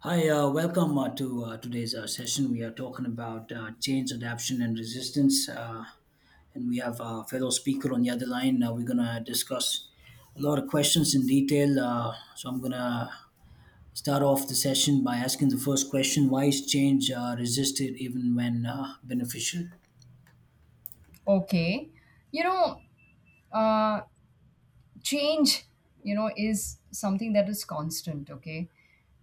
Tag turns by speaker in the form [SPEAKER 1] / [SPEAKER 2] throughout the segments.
[SPEAKER 1] Hi, welcome to today's session. We are talking about change, adaption, and resistance. And we have a fellow speaker on the other line. We're going to discuss a lot of questions in detail. So I'm going to start off the session by asking the first question: why is change resisted even when beneficial?
[SPEAKER 2] Okay. You know, uh, Change, you know, is something that is constant, okay?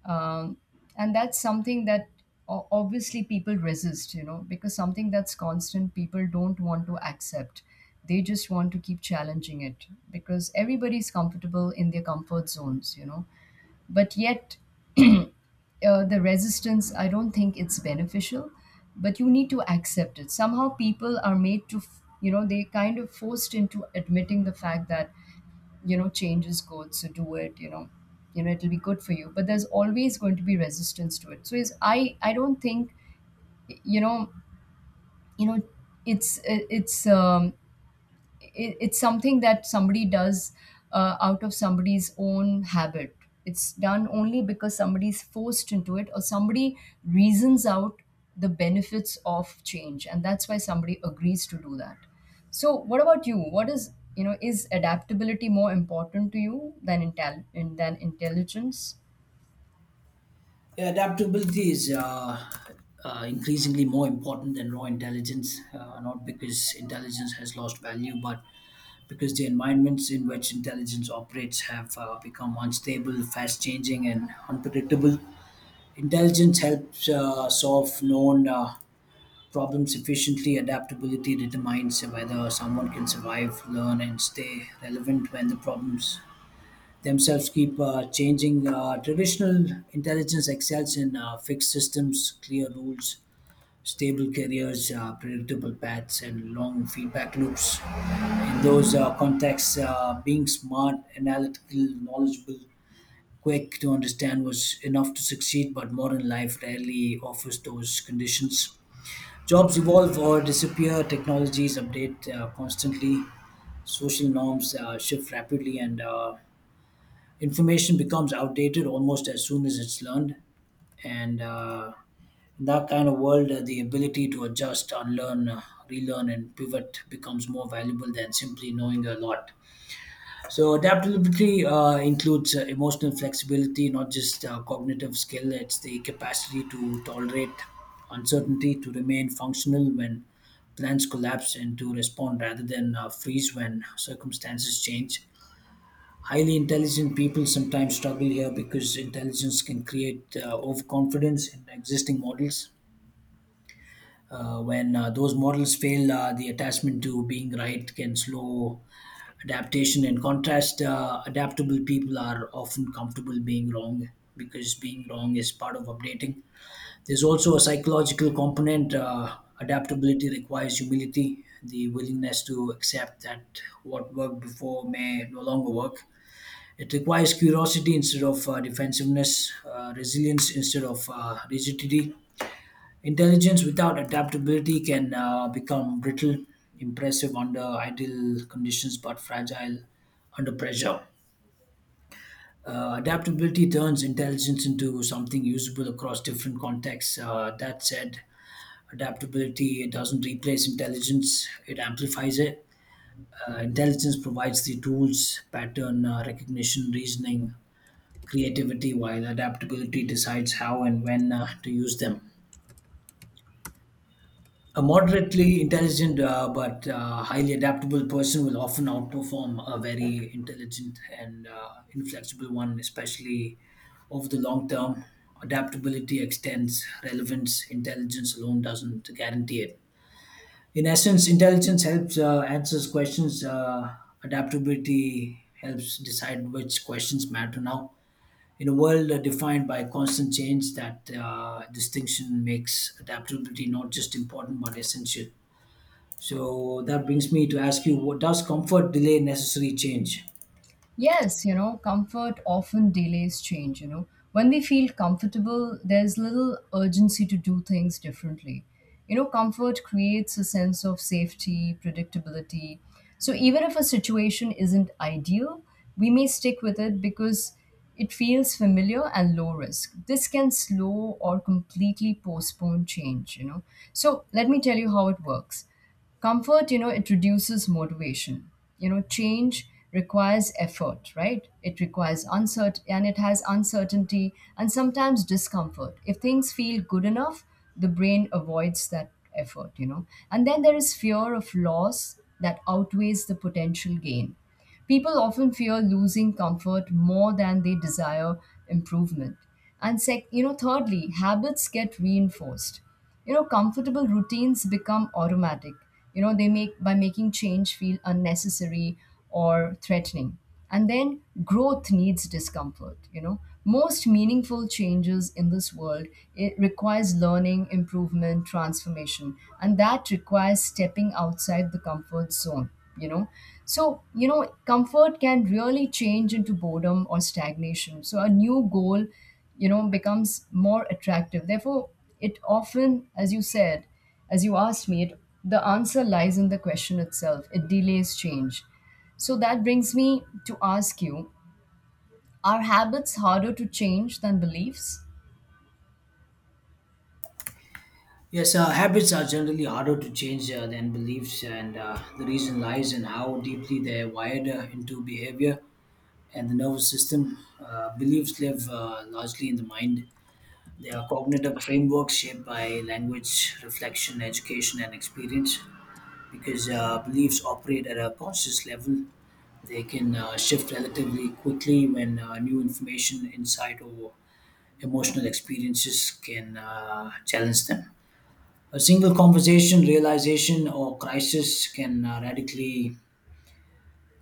[SPEAKER 2] Um, and that's something that obviously people resist, you know, because something that's constant, people don't want to accept. They just want to keep challenging it because everybody's comfortable in their comfort zones, you know. But yet, the resistance, I don't think it's beneficial, but you need to accept it. Somehow people are made to, they kind of forced into admitting the fact that, you know, change is good, so do it, you know, it'll be good for you. But there's always going to be resistance to it. So is I don't think, you know, you know, it's it's something that somebody does out of somebody's own habit. It's done only because somebody's forced into it or somebody reasons out the benefits of change, and that's why somebody agrees to do that. So, what about you? What is you know is adaptability more important to you than than intelligence?
[SPEAKER 1] Yeah, adaptability is increasingly more important than raw intelligence, not because intelligence has lost value, but because the environments in which intelligence operates have become unstable, fast changing, and unpredictable. Intelligence helps solve known problems efficiently. Adaptability determines whether someone can survive, learn, and stay relevant when the problems themselves keep changing. Traditional intelligence excels in fixed systems, clear rules, stable careers, predictable paths, and long feedback loops. In those contexts, being smart, analytical, knowledgeable, quick to understand was enough to succeed, but modern life rarely offers those conditions. Jobs evolve or disappear, technologies update constantly, social norms shift rapidly, and information becomes outdated almost as soon as it's learned. And in that kind of world, the ability to adjust, unlearn, relearn, and pivot becomes more valuable than simply knowing a lot. So, adaptability includes emotional flexibility, not just cognitive skill. It's the capacity to tolerate uncertainty, to remain functional when plans collapse, and to respond rather than freeze when circumstances change. Highly intelligent people sometimes struggle here because intelligence can create overconfidence in existing models. When those models fail, the attachment to being right can slow adaptation. In contrast, adaptable people are often comfortable being wrong because being wrong is part of updating. There's also a psychological component. Adaptability requires humility, the willingness to accept that what worked before may no longer work. It requires curiosity instead of defensiveness, resilience instead of rigidity. Intelligence without adaptability can become brittle, impressive under ideal conditions, but fragile under pressure. Adaptability turns intelligence into something usable across different contexts. That said, adaptability doesn't replace intelligence, it amplifies it. Intelligence provides the tools, pattern recognition, reasoning, creativity, while adaptability decides how and when to use them. A moderately intelligent but highly adaptable person will often outperform a very intelligent and inflexible one, especially over the long term. Adaptability extends relevance, intelligence alone doesn't guarantee it. In essence, intelligence helps answers questions, adaptability helps decide which questions matter now. In a world defined by constant change, that distinction makes adaptability not just important but essential. So that brings me to ask you, what does comfort delay necessary change?
[SPEAKER 2] Yes, you know, comfort often delays change, you know. When we feel comfortable, there's little urgency to do things differently. You know, comfort creates a sense of safety, predictability. So even if a situation isn't ideal, we may stick with it because it feels familiar and low risk. This can slow or completely postpone change, you know. So let me tell you how it works. Comfort, you know, it reduces motivation. You know, change requires effort, right? It requires uncertain and it has uncertainty and sometimes discomfort. If things feel good enough, the brain avoids that effort, you know. And then there is fear of loss that outweighs the potential gain. People often fear losing comfort more than they desire improvement. And you know, thirdly, habits get reinforced, you know. Comfortable routines become automatic, you know. They make by making change feel unnecessary or threatening. And then growth needs discomfort, you know. Most meaningful changes in this world, it requires learning, improvement, transformation, and that requires stepping outside the comfort zone, you know. So, you know, comfort can really change into boredom or stagnation, so a new goal, you know, becomes more attractive. Therefore, it often, as you said, as you asked me it, the answer lies in the question itself. It delays change. So that brings me to ask you, are habits harder to change than beliefs?
[SPEAKER 1] Yes, habits are generally harder to change than beliefs, and the reason lies in how deeply they're wired into behavior and the nervous system. Beliefs live largely in the mind. They are cognitive frameworks shaped by language, reflection, education, and experience. Because beliefs operate at a conscious level. They can shift relatively quickly when new information, insight, or emotional experiences can challenge them. A single conversation, realization, or crisis can radically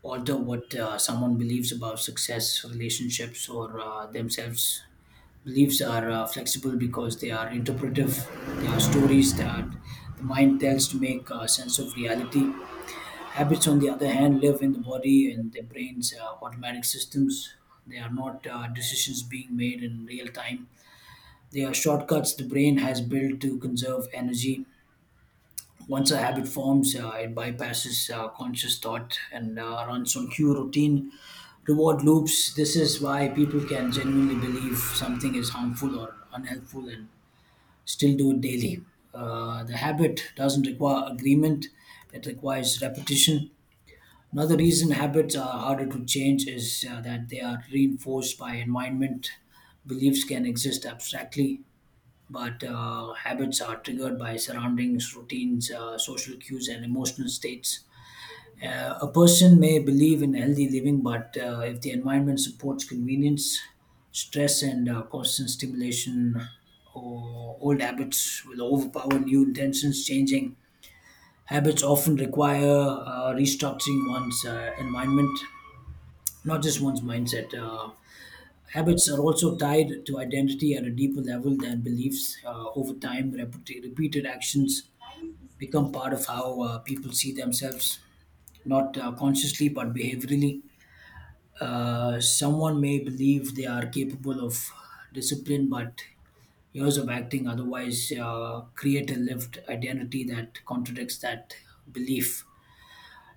[SPEAKER 1] alter what someone believes about success, relationships, or themselves. Beliefs are flexible because they are interpretive. They are stories that the mind tells to make sense of reality. Habits, on the other hand, live in the body and the brain's automatic systems. They are not decisions being made in real time. They are shortcuts the brain has built to conserve energy. Once a habit forms, it bypasses conscious thought and runs on cue routine reward loops. This is why people can genuinely believe something is harmful or unhelpful and still do it daily. The habit doesn't require agreement, it requires repetition. Another reason habits are harder to change is that they are reinforced by environment. Beliefs can exist abstractly, but habits are triggered by surroundings, routines, social cues, and emotional states. A person may believe in healthy living, but if the environment supports convenience, stress, and constant stimulation, or old habits will overpower new intentions. Changing habits often require restructuring one's environment, not just one's mindset. Habits are also tied to identity at a deeper level than beliefs. Over time, repeated actions become part of how people see themselves, not consciously but behaviorally. Someone may believe they are capable of discipline, but years of acting otherwise create a lived identity that contradicts that belief.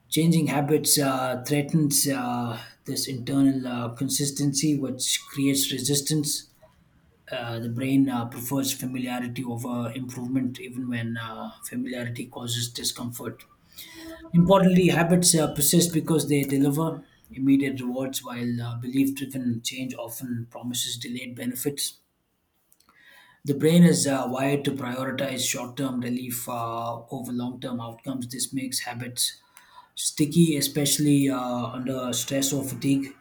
[SPEAKER 1] Changing habits threatens this internal consistency, which creates resistance. The brain prefers familiarity over improvement, even when familiarity causes discomfort. Importantly, habits persist because they deliver immediate rewards, while belief driven change often promises delayed benefits. The brain is wired to prioritize short term relief over long term outcomes. This makes habits sticky, especially under stress or fatigue,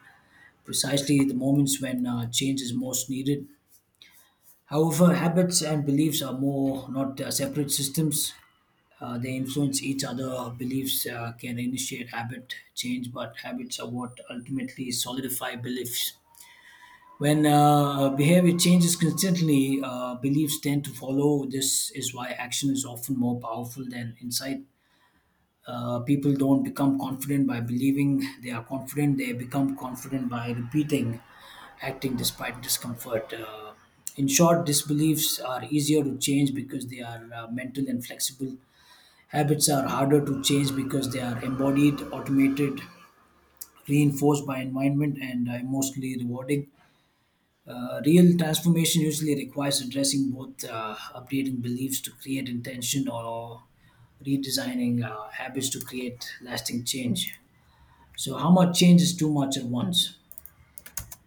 [SPEAKER 1] precisely the moments when change is most needed. However, habits and beliefs are more not separate systems. They influence each other. Beliefs can initiate habit change, but habits are what ultimately solidify beliefs. When behavior changes constantly, beliefs tend to follow. This is why action is often more powerful than insight. People don't become confident by believing they are confident, they become confident by repeating acting despite discomfort. In short, disbeliefs are easier to change because they are mental and flexible. Habits are harder to change because they are embodied, automated, reinforced by environment, and emotionally rewarding. Real transformation usually requires addressing both updating beliefs to create intention or redesigning habits to create lasting change. So, how much change is too much at once?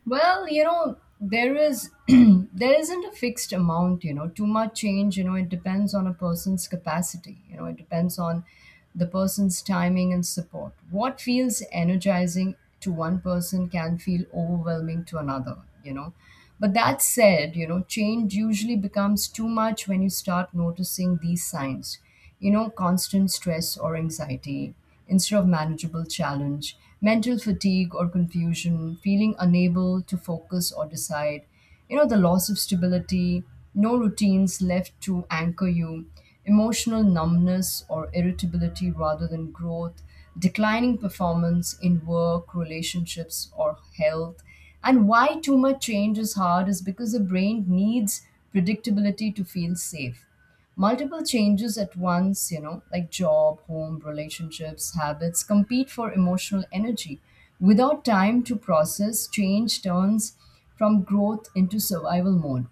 [SPEAKER 2] Well, you know, there is there isn't a fixed amount, you know. Too much change, you know, it depends on a person's capacity. You know, it depends on the person's timing and support. What feels energizing to one person can feel overwhelming to another, you know. But that said, you know, change usually becomes too much when you start noticing these signs. You know, constant stress or anxiety, instead of manageable challenge, mental fatigue or confusion, feeling unable to focus or decide, you know, the loss of stability, no routines left to anchor you, emotional numbness or irritability rather than growth, declining performance in work, relationships, or health. And why too much change is hard is because the brain needs predictability to feel safe. Multiple changes at once, you know, like job, home, relationships, habits, compete for emotional energy. Without time to process, change turns from growth into survival mode.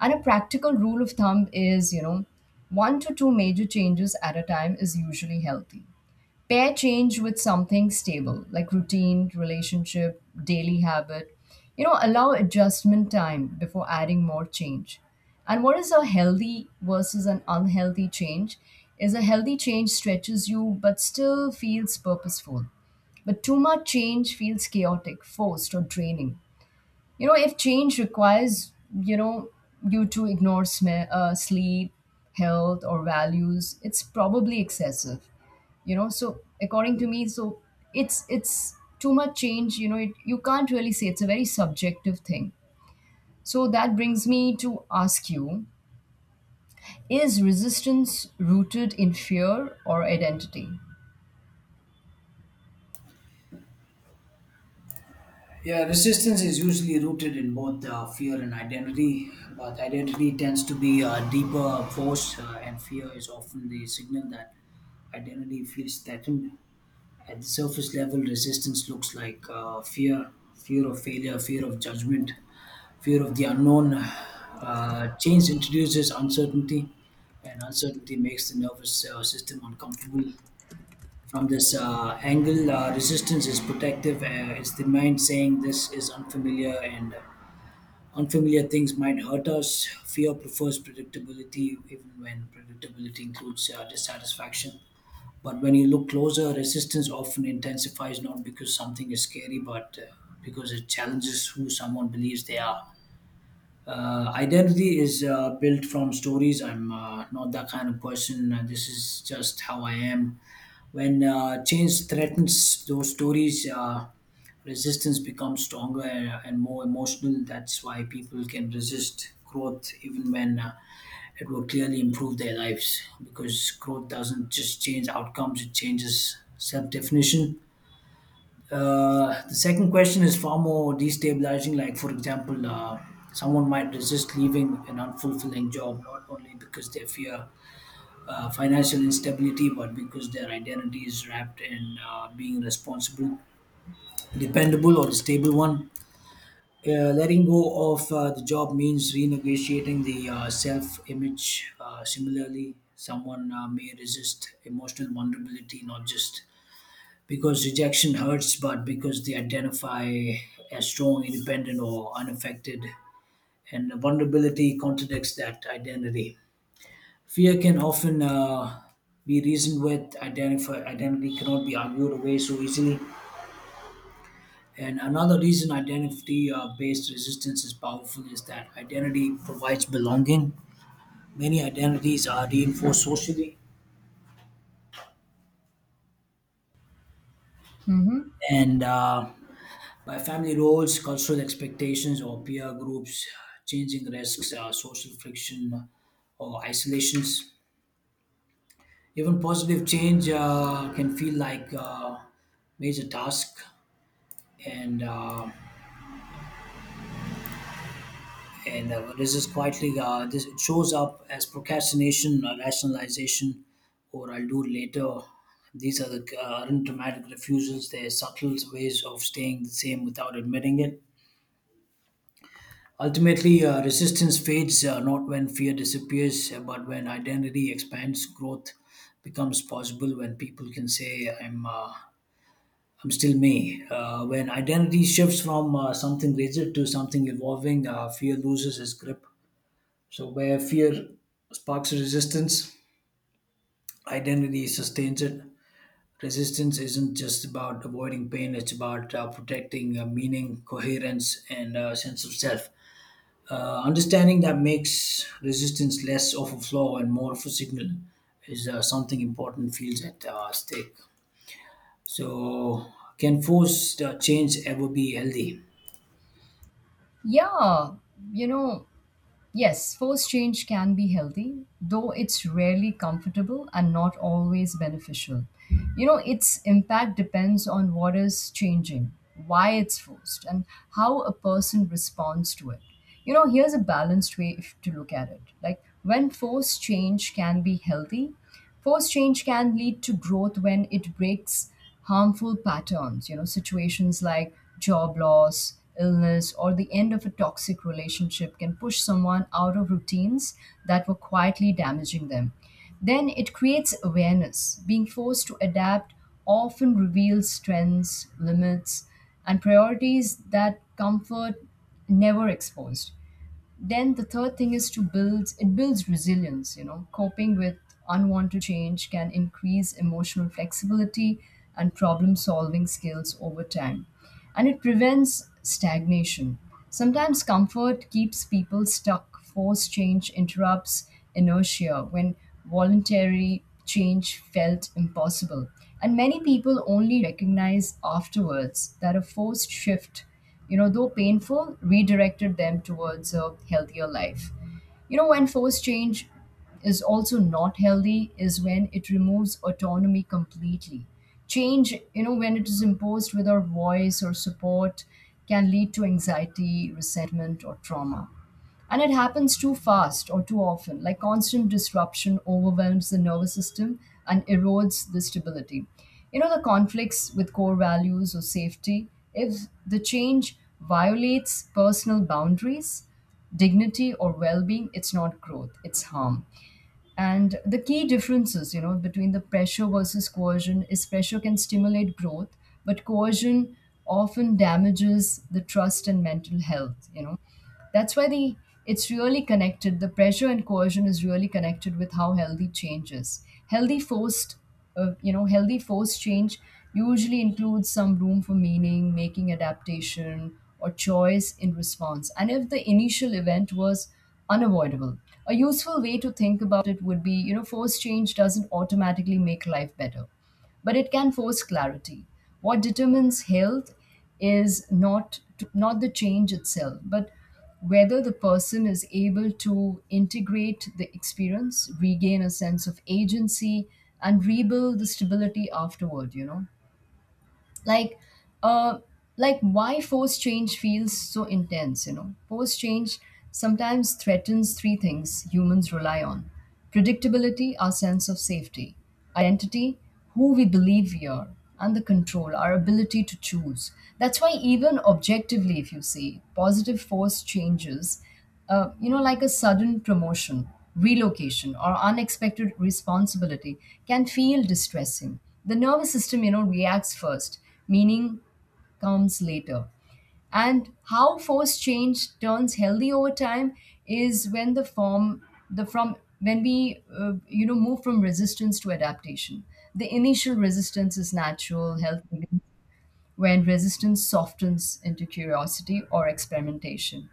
[SPEAKER 2] And a practical rule of thumb is, you know, one to two major changes at a time is usually healthy. Pair change with something stable, like routine, relationship, daily habit. You know, allow adjustment time before adding more change. And what is a healthy versus an unhealthy change? Is a healthy change stretches you but still feels purposeful. But too much change feels chaotic, forced, or draining. You know, if change requires, you know, you to ignore sleep, health, or values, it's probably excessive. You know, so according to me, so it's too much change. You know, it, you can't really say, it's a very subjective thing. So that brings me to ask you: is resistance rooted in fear or identity?
[SPEAKER 1] Yeah, resistance is usually rooted in both fear and identity, but identity tends to be a deeper force, and fear is often the signal that identity feels threatened. At the surface level, resistance looks like fear: fear of failure, fear of judgment, fear of the unknown. Change introduces uncertainty, and uncertainty makes the nervous system uncomfortable. From this angle, resistance is protective. It's the mind saying this is unfamiliar, and unfamiliar things might hurt us. Fear prefers predictability, even when predictability includes dissatisfaction. But when you look closer, resistance often intensifies not because something is scary, but because it challenges who someone believes they are. Identity is built from stories. I'm not that kind of person. This is just how I am. When change threatens those stories, resistance becomes stronger and more emotional. That's why people can resist growth even when it will clearly improve their lives, because growth doesn't just change outcomes, it changes self definition. The second question is far more destabilizing. Like, for example, someone might resist leaving an unfulfilling job not only because they fear financial instability, but because their identity is wrapped in being responsible, dependable, or a stable one. Letting go of the job means renegotiating the self image. Similarly, someone may resist emotional vulnerability, not just because rejection hurts, but because they identify as strong, independent, or unaffected, and vulnerability contradicts that identity. Fear can often be reasoned with, identity cannot be argued away so easily. And another reason identity based resistance is powerful is that identity provides belonging. Many identities are reinforced socially
[SPEAKER 2] Mm-hmm.
[SPEAKER 1] and by family roles, cultural expectations, or peer groups. Changing risks social friction or isolations. Even positive change can feel like major task, and uh, and this is quietly this it shows up as procrastination, rationalization, or I'll do it later. These are the aren't dramatic refusals. They're subtle ways of staying the same without admitting it. Ultimately, resistance fades not when fear disappears, but when identity expands. Growth becomes possible when people can say, I'm still me." When identity shifts from something rigid to something evolving, fear loses its grip. So, where fear sparks resistance, identity sustains it. Resistance isn't just about avoiding pain; it's about protecting meaning, coherence, and sense of self. Understanding that makes resistance less of a flaw and more of a signal. Is something important feels at stake. So, can forced change ever be healthy?
[SPEAKER 2] Yeah, you know. Yes, forced change can be healthy, though it's rarely comfortable and not always beneficial. You know, its impact depends on what is changing, why it's forced, and how a person responds to it. You know, here's a balanced way to look at it. Like, when forced change can be healthy, forced change can lead to growth when it breaks harmful patterns, you know. Situations like job loss, illness, or the end of a toxic relationship can push someone out of routines that were quietly damaging them. Then it creates awareness. Being forced to adapt often reveals strengths, limits, and priorities that comfort never exposed. Then the third thing is to build, it builds resilience, you know. Coping with unwanted change can increase emotional flexibility and problem solving skills over time. And it prevents stagnation. Sometimes comfort keeps people stuck. Forced change interrupts inertia when voluntary change felt impossible, and many people only recognize afterwards that a forced shift, you know, though painful, redirected them towards a healthier life. You know, when forced change is also not healthy, is when it removes autonomy completely. Change, you know, when it is imposed without voice or support, can lead to anxiety, resentment, or trauma. And it happens too fast or too often. Like constant disruption overwhelms the nervous system and erodes the stability. You know, the conflicts with core values or safety, if the change violates personal boundaries, dignity or well-being, it's not growth, it's harm. And the key differences, you know, between the pressure versus coercion, is pressure can stimulate growth but coercion often damages the trust and mental health, you know. That's why the, it's really connected, the pressure and coercion is really connected with how healthy change is. Healthy forced, you know, healthy force change usually includes some room for meaning making, adaptation or choice in response, and if the initial event was unavoidable, a useful way to think about it would be, you know, force change doesn't automatically make life better, but it can force clarity. What determines health is not the change itself, but whether the person is able to integrate the experience, regain a sense of agency, and rebuild the stability afterward, you know? Like uh like why force change feels so intense, you know. Force change sometimes threatens three things humans rely on: predictability, our sense of safety, identity, who we believe we are, and the control, our ability to choose. That's why even objectively, if you see positive force changes, you know, like a sudden promotion, relocation, or unexpected responsibility can feel distressing. The nervous system, you know, reacts first, meaning comes later. And how forced change turns healthy over time is when the form, the from when we, you know, move from resistance to adaptation. The initial resistance is natural, healthy, when resistance softens into curiosity or experimentation,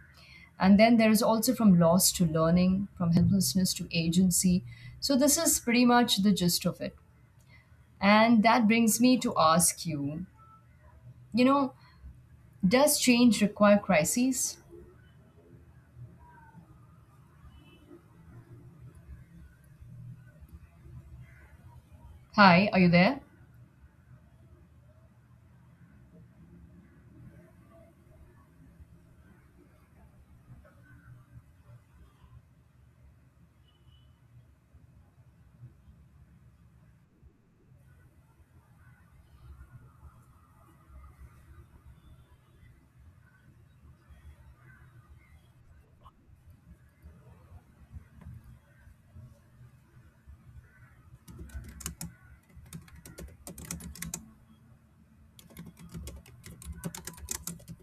[SPEAKER 2] and then there is also from loss to learning, from helplessness to agency. So, this is pretty much the gist of it. And that brings me to ask you, you know, does change require crises? Hi, are you there?